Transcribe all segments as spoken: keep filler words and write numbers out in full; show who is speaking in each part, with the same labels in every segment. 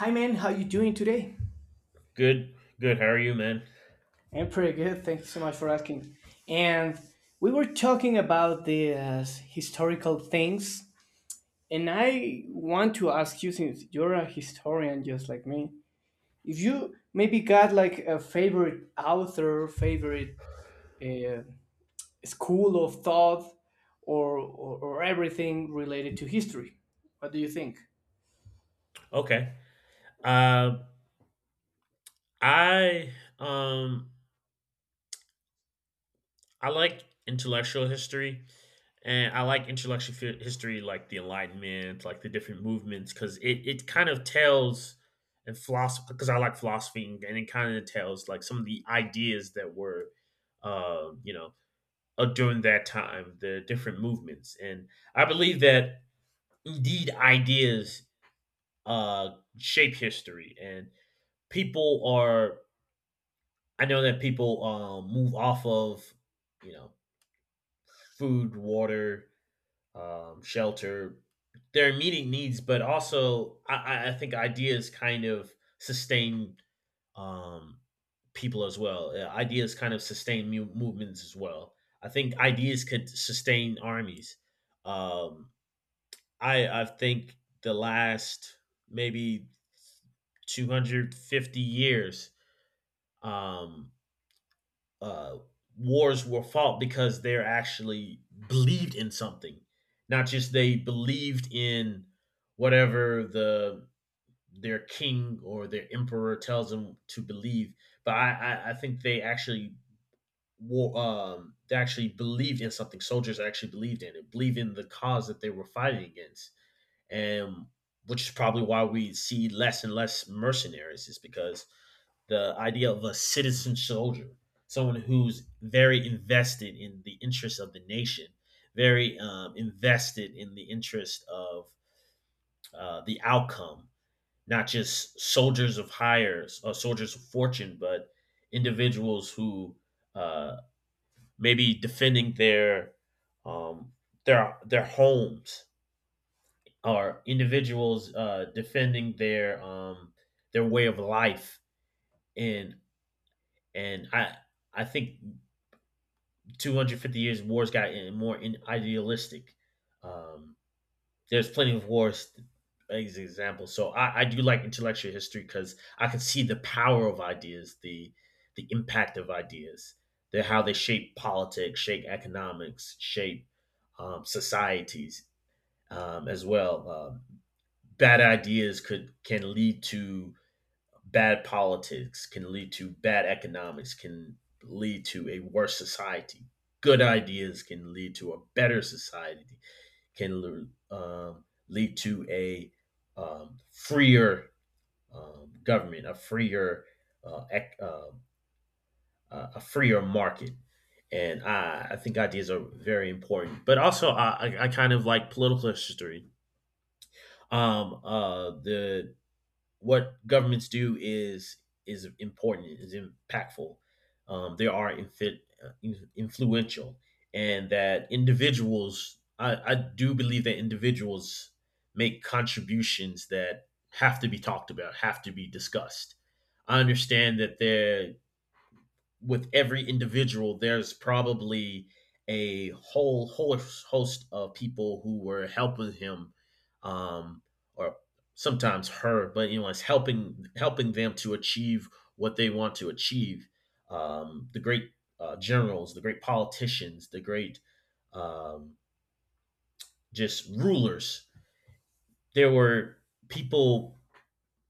Speaker 1: Hi man, how you doing today?
Speaker 2: Good, good. How are you, man?
Speaker 1: I'm pretty good. Thank you so much for asking. And we were talking about the uh, historical things, and I want to ask you, since you're a historian just like me, if you maybe got like a favorite author, favorite uh, school of thought, or, or or everything related to history. What do you think?
Speaker 2: Okay. Uh, I um I like intellectual history, and I like intellectual fi- history like the Enlightenment, like the different movements, because it it kind of tells and philosophy because I like philosophy, and and it kind of tells like some of the ideas that were, uh, you know, uh, during that time, the different movements, and I believe that indeed ideas uh shape history and people are I know that people um, move off of, you know, food, water, um, shelter, their immediate needs, but also I, I- I think ideas kind of sustain um, people as well. Uh, Ideas kind of sustain mu- movements as well. I think ideas could sustain armies. Um, I I think the last maybe two hundred fifty years um uh, wars were fought because they're actually believed in something, not just they believed in whatever the their king or their emperor tells them to believe. But I, I, I think they actually war, um, they actually believed in something. Soldiers actually believed in it, believed in the cause that they were fighting against and which is probably why we see less and less mercenaries is because the idea of a citizen soldier, someone who's very invested in the interests of the nation, very um, invested in the interest of uh, the outcome, not just soldiers of hires or soldiers of fortune but individuals who uh, may be defending their um, their their homes or individuals uh, defending their um, their way of life. And and I I think two hundred fifty years of wars got in- more in idealistic. Um, there's plenty of wars as examples. So I, I do like intellectual history because I can see the power of ideas, the the impact of ideas, the how they shape politics, shape economics, shape um, societies um, as well. Um, bad ideas could can lead to bad politics, can lead to bad economics, can lead to a worse society. Good ideas can lead to a better society, can um, lead to a um, freer um, government, a freer uh, ec- uh, a freer market. And I, I think ideas are very important, but also I, I kind of like political history. Um, uh, the what governments do is is important, is impactful. Um, they are infi- uh, influential, and that individuals. I, I do believe that individuals make contributions that have to be talked about, have to be discussed. I understand that there with every individual, there's probably a whole whole host of people who were helping him, um, or sometimes her, but you know, it's helping helping them to achieve what they want to achieve. Um, the great uh, generals, the great politicians, the great um, just rulers. There were people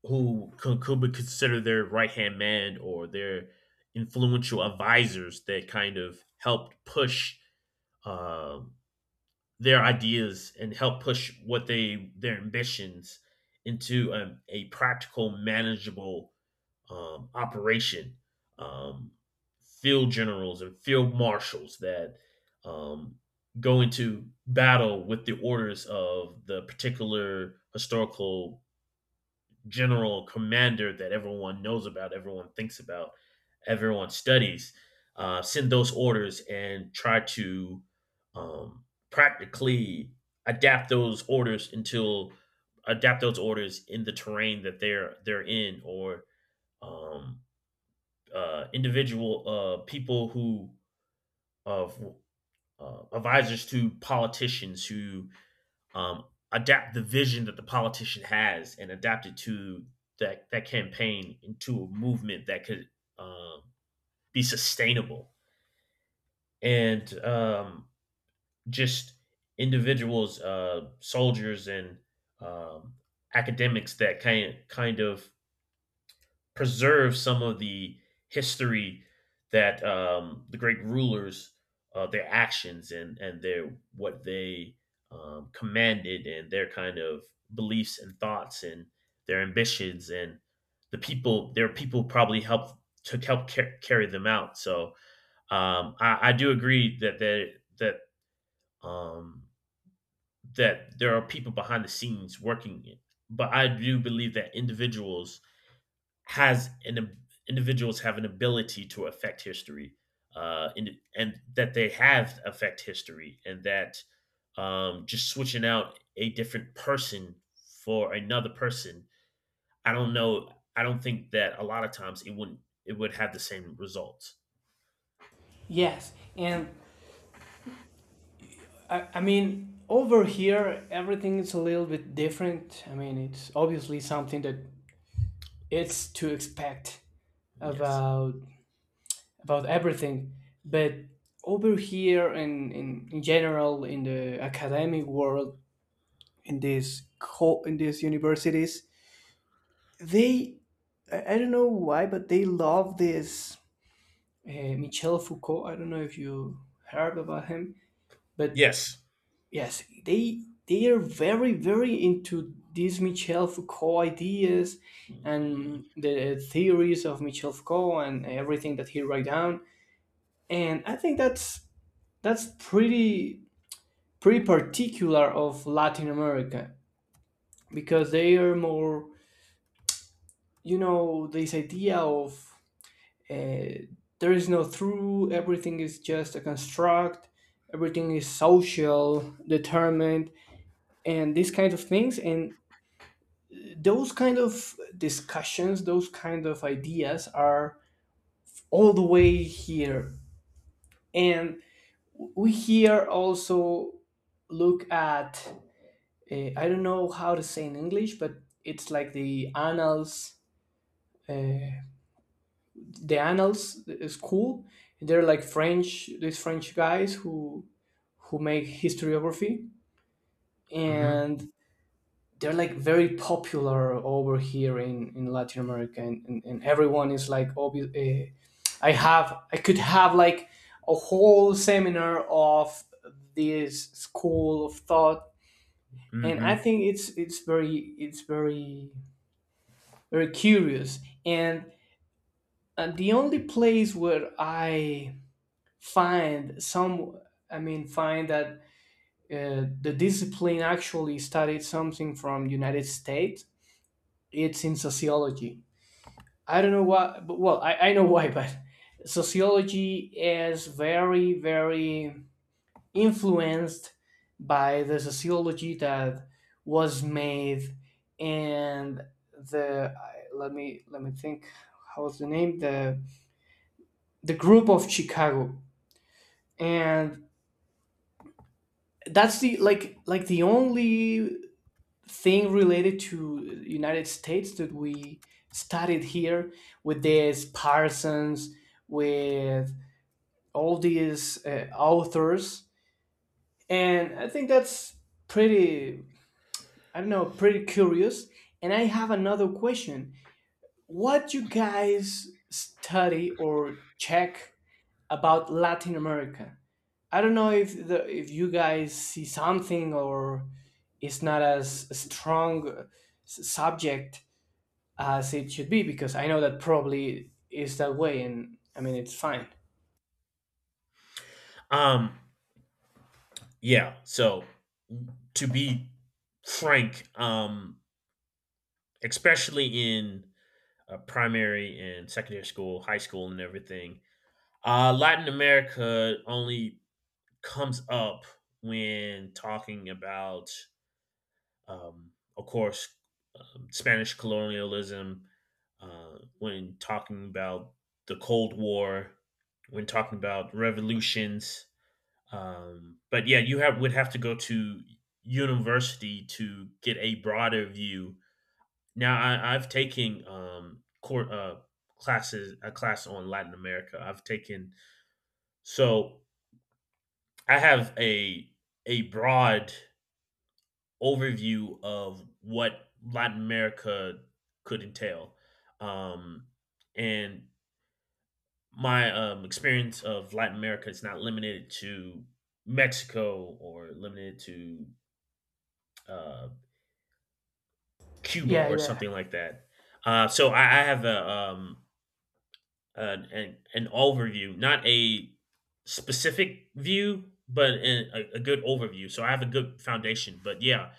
Speaker 2: who could, could be considered their right hand man or their influential advisors that kind of helped push um, their ideas and help push what they their ambitions into a, a practical, manageable um, operation. Um, field generals and field marshals that um, go into battle with the orders of the particular historical general commander that everyone knows about, everyone thinks about, everyone studies, uh, send those orders and try to um, practically adapt those orders until adapt those orders in the terrain that they're they're in, or um, uh, individual uh, people who of uh, advisors to politicians who um, adapt the vision that the politician has and adapt it to that that campaign into a movement that could um, be sustainable and um, just individuals, uh, soldiers, and um, academics that kind kind of preserve some of the history that um, the great rulers, uh, their actions and and their what they um, commanded and their kind of beliefs and thoughts and their ambitions and the people their people probably helped to help car- carry them out. So um, I, I do agree that that that um, that there are people behind the scenes working it, but I do believe that individuals has an ab- individuals have an ability to affect history, uh and, and that they have affect history and that um just switching out a different person for another person, I don't know, I don't think that a lot of times it wouldn't it would have the same results.
Speaker 1: Yes, and I, I mean, over here, everything is a little bit different. I mean, it's obviously something that it's to expect
Speaker 2: Yes.
Speaker 1: about about everything. But over here, in, in, in general, in the academic world, in these co- in these universities, they I, I don't know why, but they love this uh, Michel Foucault. I don't know if you heard about him, but
Speaker 2: Yes.
Speaker 1: yes, they they are very very into these Michel Foucault ideas and the theories of Michel Foucault and everything that he write down. And I think that's that's pretty pretty particular of Latin America because they are more, you know, this idea of uh, there is no through, everything is just a construct, everything is social determined and these kinds of things and those kind of discussions, those kind of ideas are all the way here. And we here also look at, uh, I don't know how to say in English, but it's like the annals, uh, the annals school. They're like French, these French guys who who make historiography,
Speaker 2: Mhm.
Speaker 1: and they're like very popular over here in, in Latin America, and, and, and everyone is like, obvi- eh, I have, I could have like a whole seminar of this school of thought, and I
Speaker 2: Mhm.
Speaker 1: think it's it's very it's very very curious, and uh, the only place where I find some, I mean, find that uh, the discipline actually studied something from United States, it's in sociology. I don't know why, but well, I, I know why, but sociology is very, very influenced by the sociology that was made, and the I- let me let me think how's the name, the the group of Chicago, and that's the like like the only thing related to United States that we studied here with this Parsons, with all these uh, authors. And I think that's pretty, I don't know, pretty curious. And I have another question: what you guys study or check about Latin America? I don't know if the if you guys see something or it's not as strong uh, s- subject as it should be, because I know that probably is that way, and I mean it's fine.
Speaker 2: um yeah, so to be frank, um especially in uh, primary and secondary school, high school, and everything. Uh, Latin America only comes up when talking about, um, of course, um, Spanish colonialism, uh, when talking about the Cold War, when talking about revolutions. Um, but yeah, you have would have to go to university to get a broader view. Now I, I've taken um court uh classes, a class on Latin America. I've taken so I have a a broad overview of what Latin America could entail. Um and my um experience of Latin America is not limited to Mexico or limited to uh Cuba
Speaker 1: Yeah,
Speaker 2: or
Speaker 1: yeah.
Speaker 2: something like that. Uh so I, I have a um an an, an overview, not a specific view, but an, a, a good overview. So I have a good foundation. But yeah,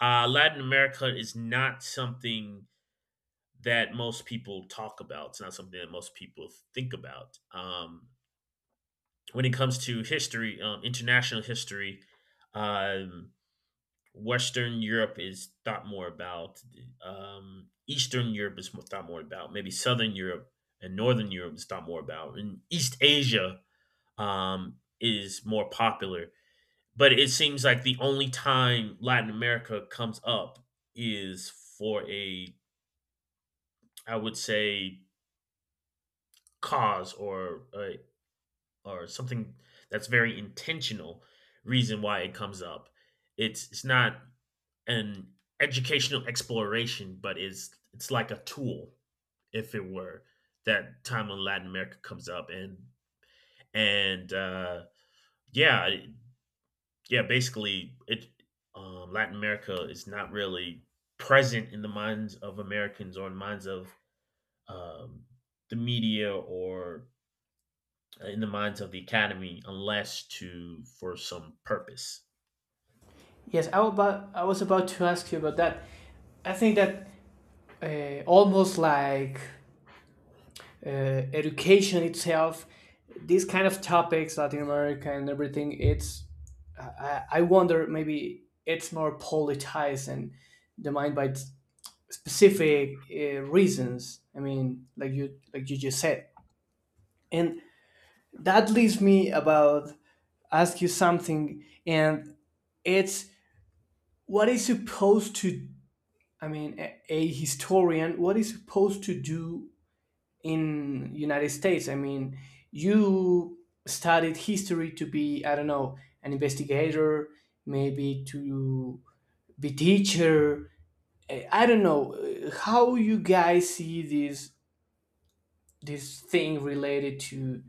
Speaker 2: uh, Latin America is not something that most people talk about. It's not something that most people think about. Um, when it comes to history, um, international history, um, Western Europe is thought more about. Um, Eastern Europe is mo- thought more about. Maybe Southern Europe and Northern Europe is thought more about. And East Asia um, is more popular. But it seems like the only time Latin America comes up is for a, I would say, cause or a, or something that's very intentional reason why it comes up. It's it's not an educational exploration, but it's it's like a tool, if it were, that time when Latin America comes up and and uh, yeah, yeah, basically it um, Latin America is not really present in the minds of Americans or in the minds of um, the media or uh, in the minds of the academy unless to for some purpose.
Speaker 1: Yes, I, about, I was about to ask you about that. I think that uh, almost like uh, education itself, these kind of topics, Latin America and everything, it's I, I wonder maybe it's more politicized and defined by s- specific uh, reasons. I mean, like you like you just said, and that leads me about ask you something, and it's what is supposed to, I mean, a, a historian, what is supposed to do in United States? I mean, you studied history to be, I don't know, an investigator, maybe to be teacher. I I don't know uh, how you guys see this this thing related to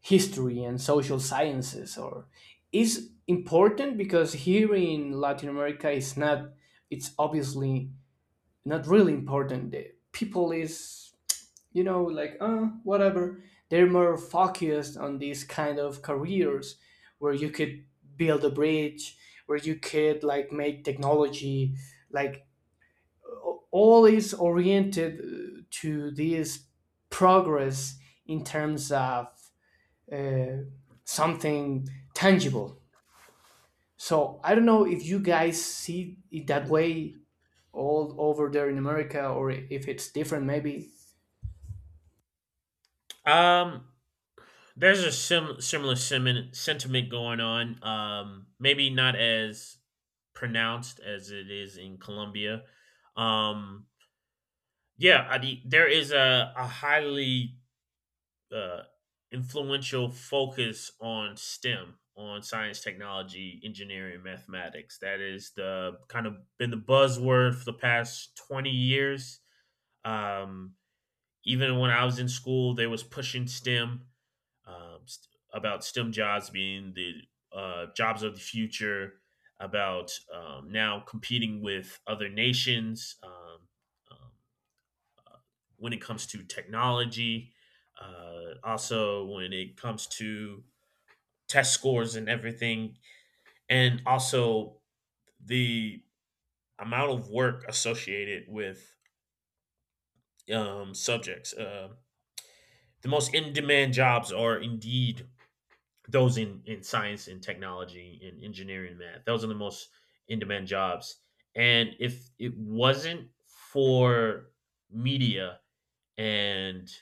Speaker 1: history and social sciences, or is important, because here in Latin America, it's not. It's obviously not really important. The people is, you know, like uh whatever. They're more focused on these kind of careers where you could build a bridge, where you could like make technology, like a- all is oriented uh, to this progress in terms of uh, something tangible. So I don't know if you guys see it that way all over there in America or if it's different maybe.
Speaker 2: Um, There's a sim- similar sentiment sentiment going on. Um, maybe not as pronounced as it is in Colombia. Um, yeah, I, the- there is a, a highly uh, influential focus on STEM, on science, technology, engineering, and mathematics. That is the kind of been the buzzword for the past twenty years. Um, even when I was in school, they was pushing STEM um, st- about STEM jobs being the uh, jobs of the future, about um, now competing with other nations um, um, when it comes to technology, uh, also when it comes to test scores and everything, and also the amount of work associated with um, subjects. Uh, the most in demand jobs are indeed those in in science and technology and engineering and math. Those are the most in demand jobs. And if it wasn't for media and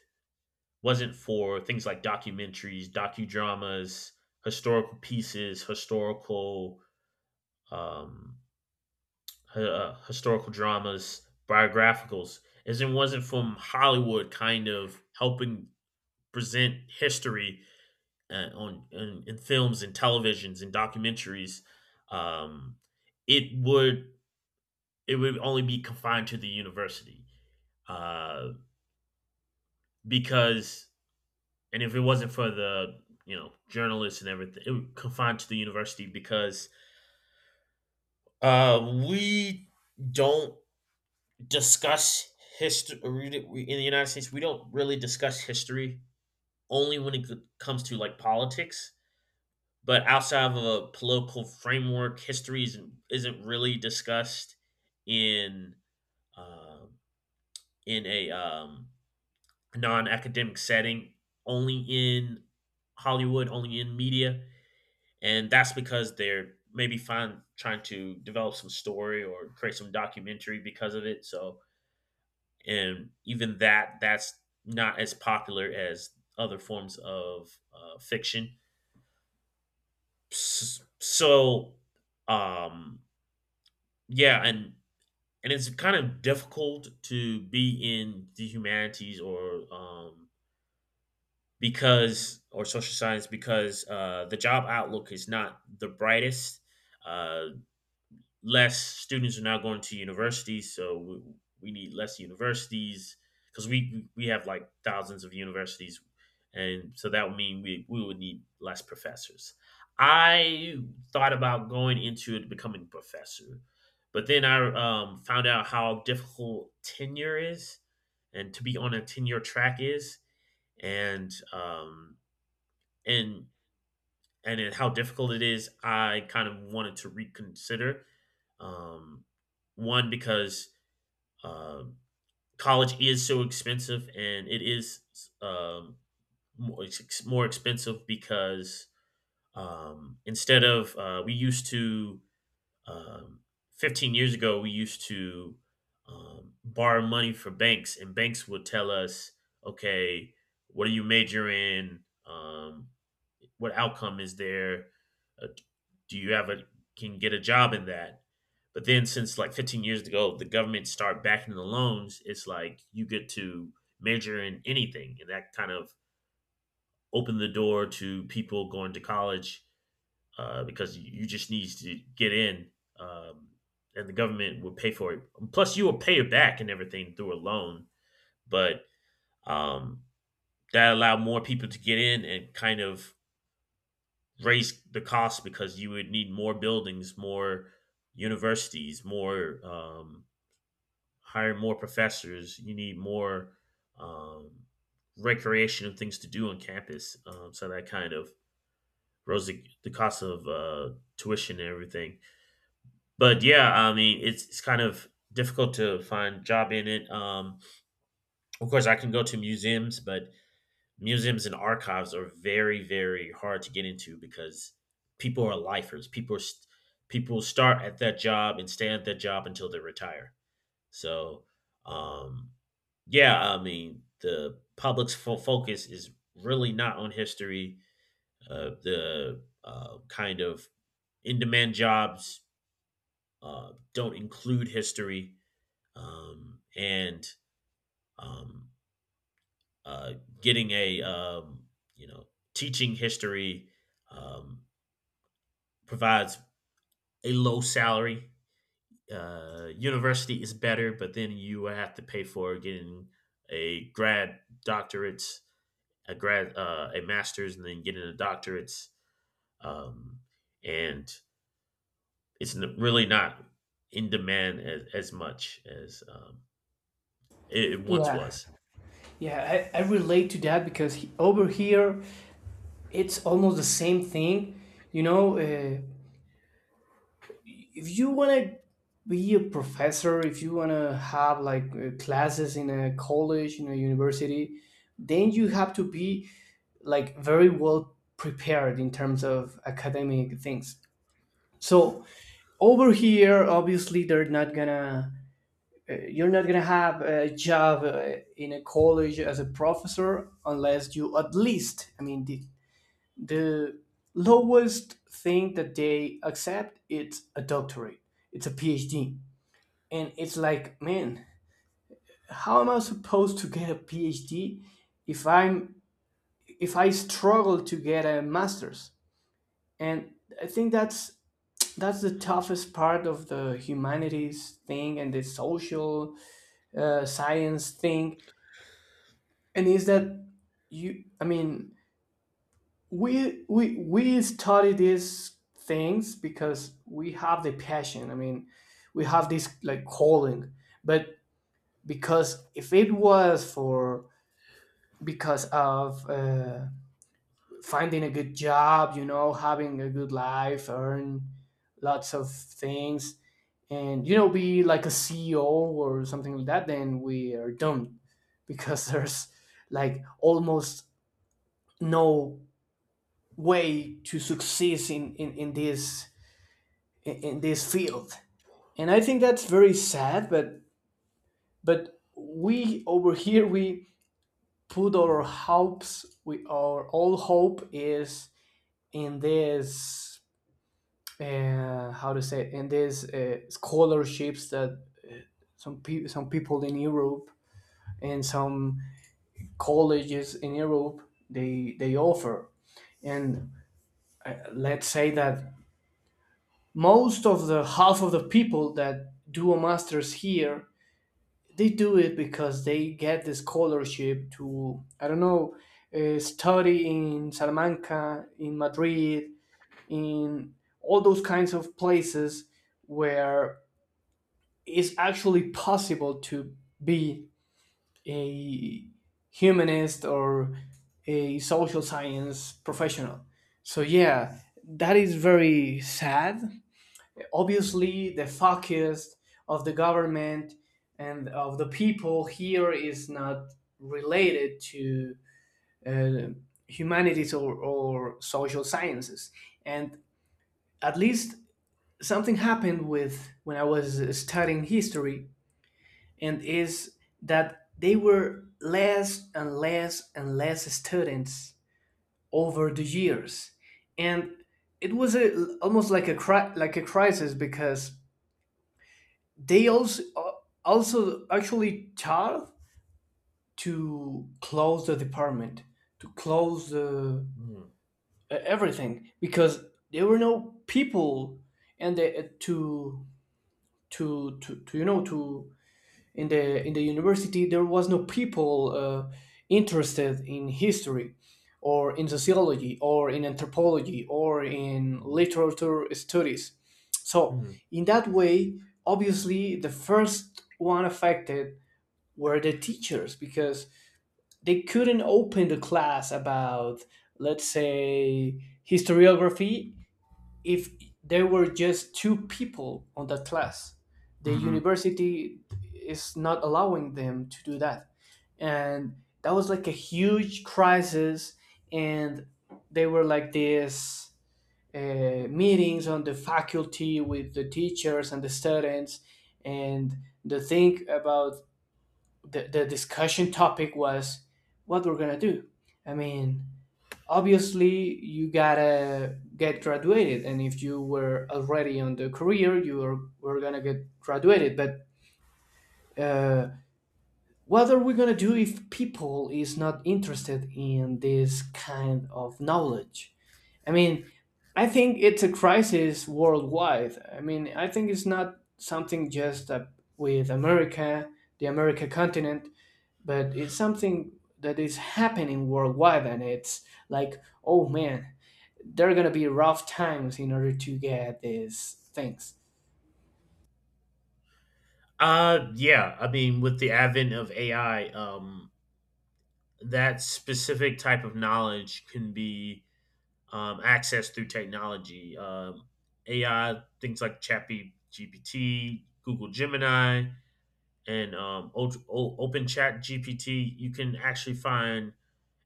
Speaker 2: wasn't for things like documentaries, docudramas, historical pieces, historical um uh, historical dramas, biographicals, as it wasn't from Hollywood kind of helping present history uh, on in, in films and televisions and documentaries, um, it would it would only be confined to the university, uh, because and if it wasn't for the you know journalists and everything, it would confined to the university because uh, we don't discuss history in the United States. We don't really discuss history only when it comes to like politics, but outside of a political framework, history isn't isn't really discussed in uh, in a um, non-academic setting. Only in Hollywood, only in media, and that's because they're maybe find trying to develop some story or create some documentary because of it. So, and even that that's not as popular as other forms of uh, fiction. So, um, yeah, and and it's kind of difficult to be in the humanities or um, because or social science because uh, the job outlook is not the brightest. Uh, less students are now going to universities, so we, we need less universities because we we have like thousands of universities, and so that would mean we we would need less professors. I thought about going into it becoming a professor, but then I um, found out how difficult tenure is, and to be on a tenure track is, and um, and and it, how difficult it is, I kind of wanted to reconsider. Um, one because uh, college is so expensive, and it is um, more, it's ex- more expensive because um, instead of uh, we used to um, fifteen years ago we used to um, borrow money for banks, and banks would tell us, okay, what are you major in? Um, what outcome is there? Uh, do you have a can you get a job in that? But then since like fifteen years ago, the government start backing the loans. It's like you get to major in anything, and that kind of opened the door to people going to college uh, because you you just need to get in. Um, and the government will pay for it. Plus, you will pay it back and everything through a loan. But um, that allowed more people to get in and kind of raise the cost because you would need more buildings, more universities, more um, hire more professors. You need more um, recreation and things to do on campus. Um, so that kind of rose the, the cost of uh, tuition and everything. But yeah, I mean, it's it's kind of difficult to find job in it. Um, of course, I can go to museums, but museums and archives are very very hard to get into because people are lifers people are st- People start at that job and stay at that job until they retire. So um yeah, I mean, the public's fo- focus is really not on history. Uh, the uh, kind of in-demand jobs uh, don't include history. Um, and um, uh, Getting a um, you know teaching history um, provides a low salary. Uh, university is better, but then you have to pay for getting a grad doctorate, a grad, uh, a master's, and then getting a doctorate. Um, and It's n- really not in demand as, as much as um, it, it once
Speaker 1: Yeah,
Speaker 2: was.
Speaker 1: yeah, I, I relate to that because he, over here it's almost the same thing. You know, uh, if you want to be a professor, if you want to have like uh, classes in a college, in a university, then you have to be like very well prepared in terms of academic things. So over here, obviously, they're not gonna you're not going to have a job uh, in a college as a professor unless you at least, I mean, the, the lowest thing that they accept it's a doctorate, it's a P h D. And it's like, man, how am I supposed to get a P h D if I'm if I struggle to get a master's? And I think that's that's the toughest part of the humanities thing and the social uh, science thing, and is that you, I mean, we we we study these things because we have the passion. I mean, we have this like calling, but because if it was for because of uh, finding a good job, you know, having a good life, earn lots of things, and you know be like a C E O or something like that, then we are doomed because there's like almost no way to succeed in, in, in this in, this field. And I think that's very sad, but but we over here we put our hopes, we our all hope is in this uh, how to say it, in these uh, scholarships that some people some people in Europe and some colleges in Europe they they offer. And uh, let's say that most of the half of the people that do a master's here they do it because they get the scholarship to, I don't know, uh, study in Salamanca, in Madrid, in all those kinds of places where it's actually possible to be a humanist or a social science professional. So yeah, that is very sad. Obviously, the focus of the government and of the people here is not related to uh, humanities or, or social sciences. And at least something happened with when I was studying history, and is that they were less and less and less students over the years, and it was a, almost like a like a crisis because they also uh, also actually tried to close the department, to close the
Speaker 2: Mm-hmm.
Speaker 1: e-, everything because there were no people and the, to, to to to you know to in the in the university there was no people uh, interested in history or in sociology or in anthropology or in literature studies. So in that way obviously the first one affected were the teachers because they couldn't open the class about, let's say, historiography, if there were just two people on that class, the
Speaker 2: Mm-hmm.
Speaker 1: university is not allowing them to do that. And that was like a huge crisis, and they were like this uh, meetings on the faculty with the teachers and the students. And the thing about the, the discussion topic was what we're gonna do. I mean, obviously you gotta get graduated, and if you were already on the career, you are, were gonna get graduated. But uh, what are we gonna do if people is not interested in this kind of knowledge? I mean, I think it's a crisis worldwide. I mean, I think it's not something just uh, with America, the America continent, but it's something that is happening worldwide, and it's like, oh man, there are going to be rough times in order to get these things.
Speaker 2: Uh, yeah. I mean, with the advent of A I, um, that specific type of knowledge can be um, accessed through technology. Um, A I, things like Chappy G P T, Google Gemini, and um, o- o- Open Chat G P T, you can actually find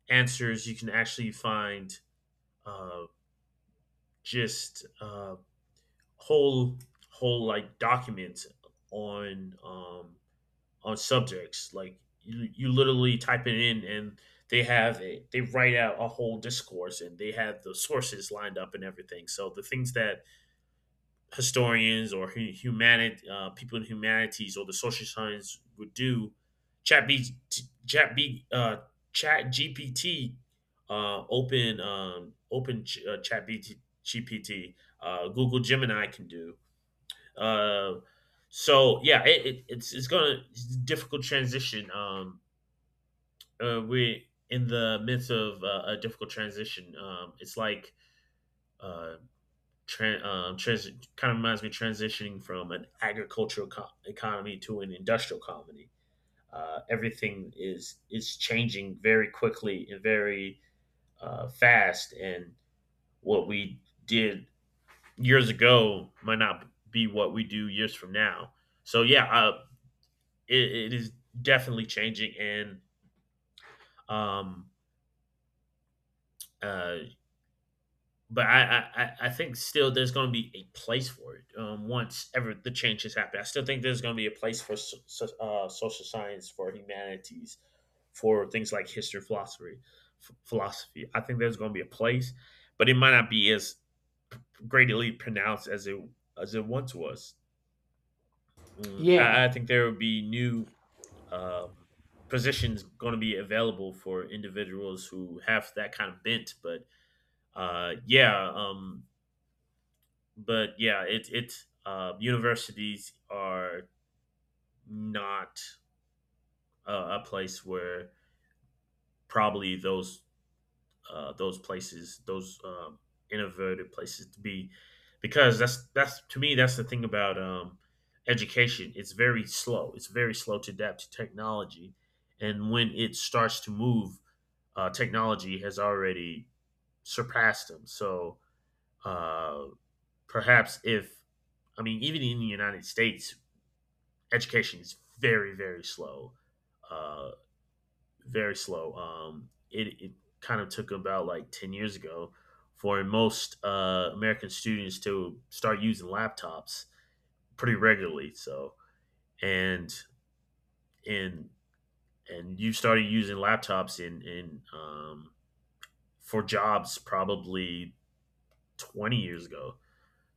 Speaker 2: answers. You can actually find uh, just uh, whole whole like documents on um, on subjects. Like you, you literally type it in and they have a, they write out a whole discourse and they have the sources lined up and everything. So the things that historians or hu- humanity uh, people in humanities or the social science would do, Chat B, Chat B, uh, Chat G P T, uh, Open um, Open Ch- uh, Chat B T, G P T, uh, Google Gemini can do. Uh, so yeah, it, it, it's it's gonna it's a difficult transition. Um, uh, we're in the midst of uh, a difficult transition. Um, it's like uh, tran um, trans- kind of reminds me transitioning from an agricultural co- economy to an industrial economy. Uh, everything is is changing very quickly and very uh, fast, and what we did years ago might not be what we do years from now. So yeah, uh, it, it is definitely changing and um uh but I, I i think still there's going to be a place for it um once ever the changes happen. I still think there's going to be a place for so, so- uh, social science, for humanities, for things like history, philosophy. F- philosophy, I think there's going to be a place, but it might not be as greatly pronounced as it as it once was. Mm,
Speaker 1: Yeah,
Speaker 2: I, I think there would be new um, positions going to be available for individuals who have that kind of bent. But uh, yeah, um, but yeah, it it uh, universities are not uh, a place where probably those uh, those places, those um, innovative places to be, because that's that's to me that's the thing about um, education. It's very slow. It's very slow to adapt to technology, and when it starts to move, uh, technology has already surpassed them. So uh, perhaps if I mean, even in the United States, education is very very slow. Uh, very slow. Um, it, it kind of took about like ten years ago for most uh, American students to start using laptops pretty regularly. So, and, and, and you started using laptops in, in, um, for jobs probably twenty years ago.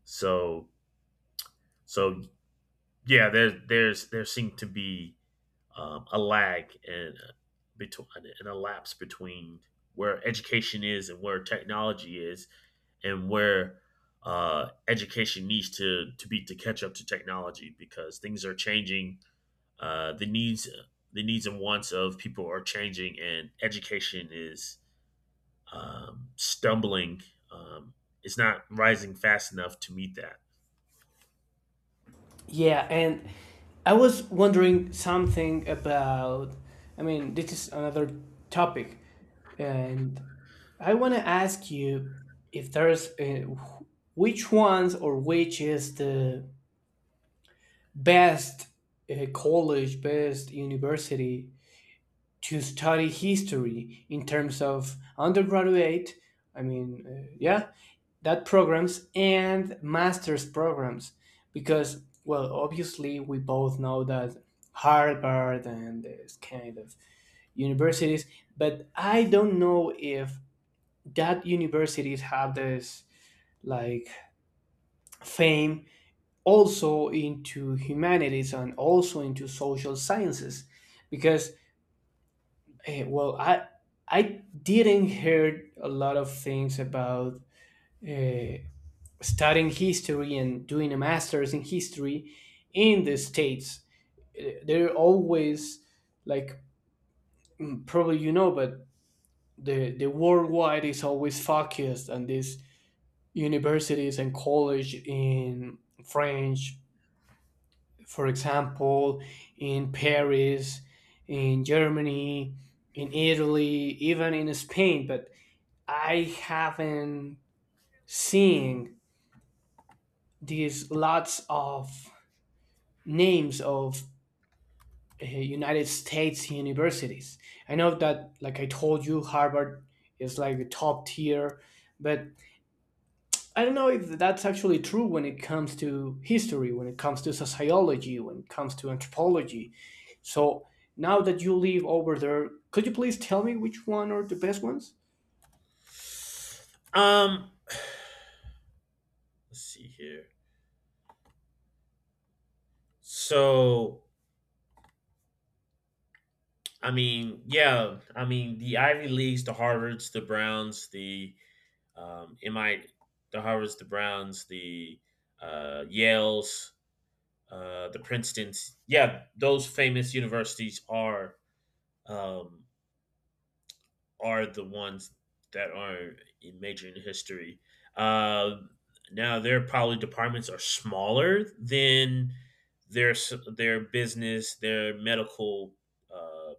Speaker 2: So, so yeah, there, there's, there seem to be um, a lag and between and a lapse between where education is and where technology is, and where uh, education needs to to be to catch up to technology because things are changing. Uh, the needs the needs and wants of people are changing, and education is um, stumbling. Um, it's not rising fast enough to meet that.
Speaker 1: yeah. And I was wondering something about, I mean, this is another topic, and I want to ask you if there's uh, which ones or which is the best uh, college, best university to study history in terms of undergraduate, I mean, uh, yeah, that programs and master's programs. Because, well, obviously, we both know that Harvard and this kind of universities, but I don't know if that universities have this like fame also into humanities and also into social sciences because, eh, well, I I didn't hear a lot of things about uh, studying history and doing a master's in history in the States. Eh, they're always like, mm, probably you know, but the the worldwide is always focused on these universities and college in French, for example, in Paris, in Germany, in Italy, even in Spain, but I haven't seen these lots of names of uh, United States universities. I know that, like I told you, Harvard is like the top tier, but I don't know if that's actually true when it comes to history, when it comes to sociology, when it comes to anthropology. So now that you live over there, could you please tell me which one are the best ones?
Speaker 2: Um, let's see here. So I mean, yeah. I mean, the Ivy Leagues, the Harvards, the Browns, the um, M I, the Harvards, the Browns, the uh, Yales, uh, the Princeton's. Yeah, those famous universities are um, are the ones that are in major in history. Uh, now, their probably departments are smaller than their s- their business, their medical uh,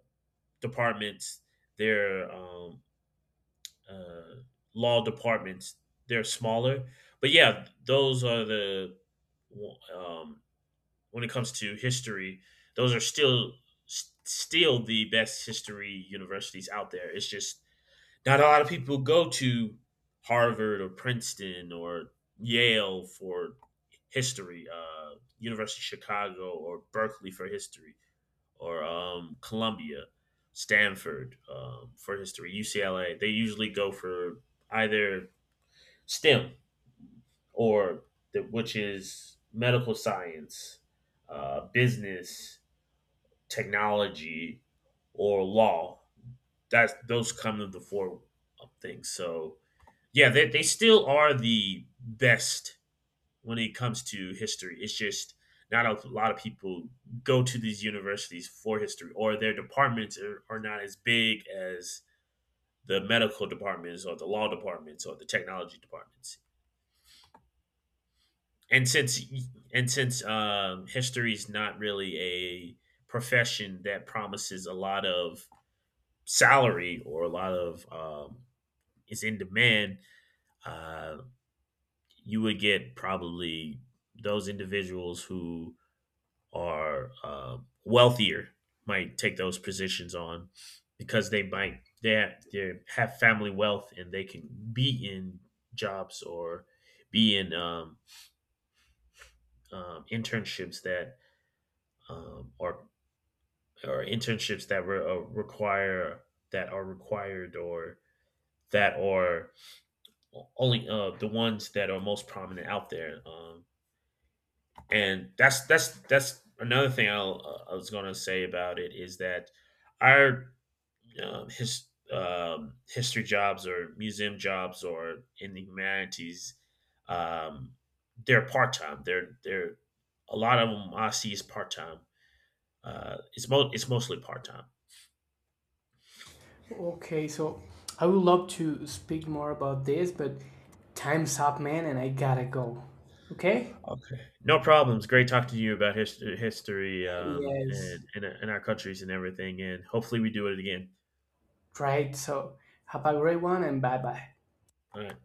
Speaker 2: departments, their um, uh, law departments. They're smaller, but yeah, those are the um, when it comes to history. Those are still s- still the best history universities out there. It's just not a lot of people go to Harvard or Princeton or Yale for history, uh, University of Chicago or Berkeley for history or um, Columbia, Stanford um, for history, U C L A. They usually go for either STEM or the, which is medical science, uh, business, technology, or law. That's those come to the four things. So yeah, they, they still are the best when it comes to history. It's just not a lot of people go to these universities for history, or their departments are, are not as big as the medical departments, or the law departments, or the technology departments. And since and since um, history is not really a profession that promises a lot of salary or a lot of um, is in demand, uh, you would get probably those individuals who are uh, wealthier might take those positions on because they might they have, they have family wealth and they can be in jobs or be in um, um, internships that um, or or internships that re- uh, require that are required or that are only uh, the ones that are most prominent out there. Um, and that's that's that's another thing I'll, uh, I was gonna say about it is that our um, his um, history jobs or museum jobs or in the humanities, um, they're part time. They're they're A lot of them I see is part time. Uh, it's mo- it's mostly part time.
Speaker 1: Okay, so I would love to speak more about this, but time's up, man, and I gotta go. Okay?
Speaker 2: Okay, no problems. Great talking to you about history, history, um, and
Speaker 1: Yes.
Speaker 2: and, and our countries and everything. And hopefully we do it again.
Speaker 1: Right, so have a great one and bye bye.
Speaker 2: All right.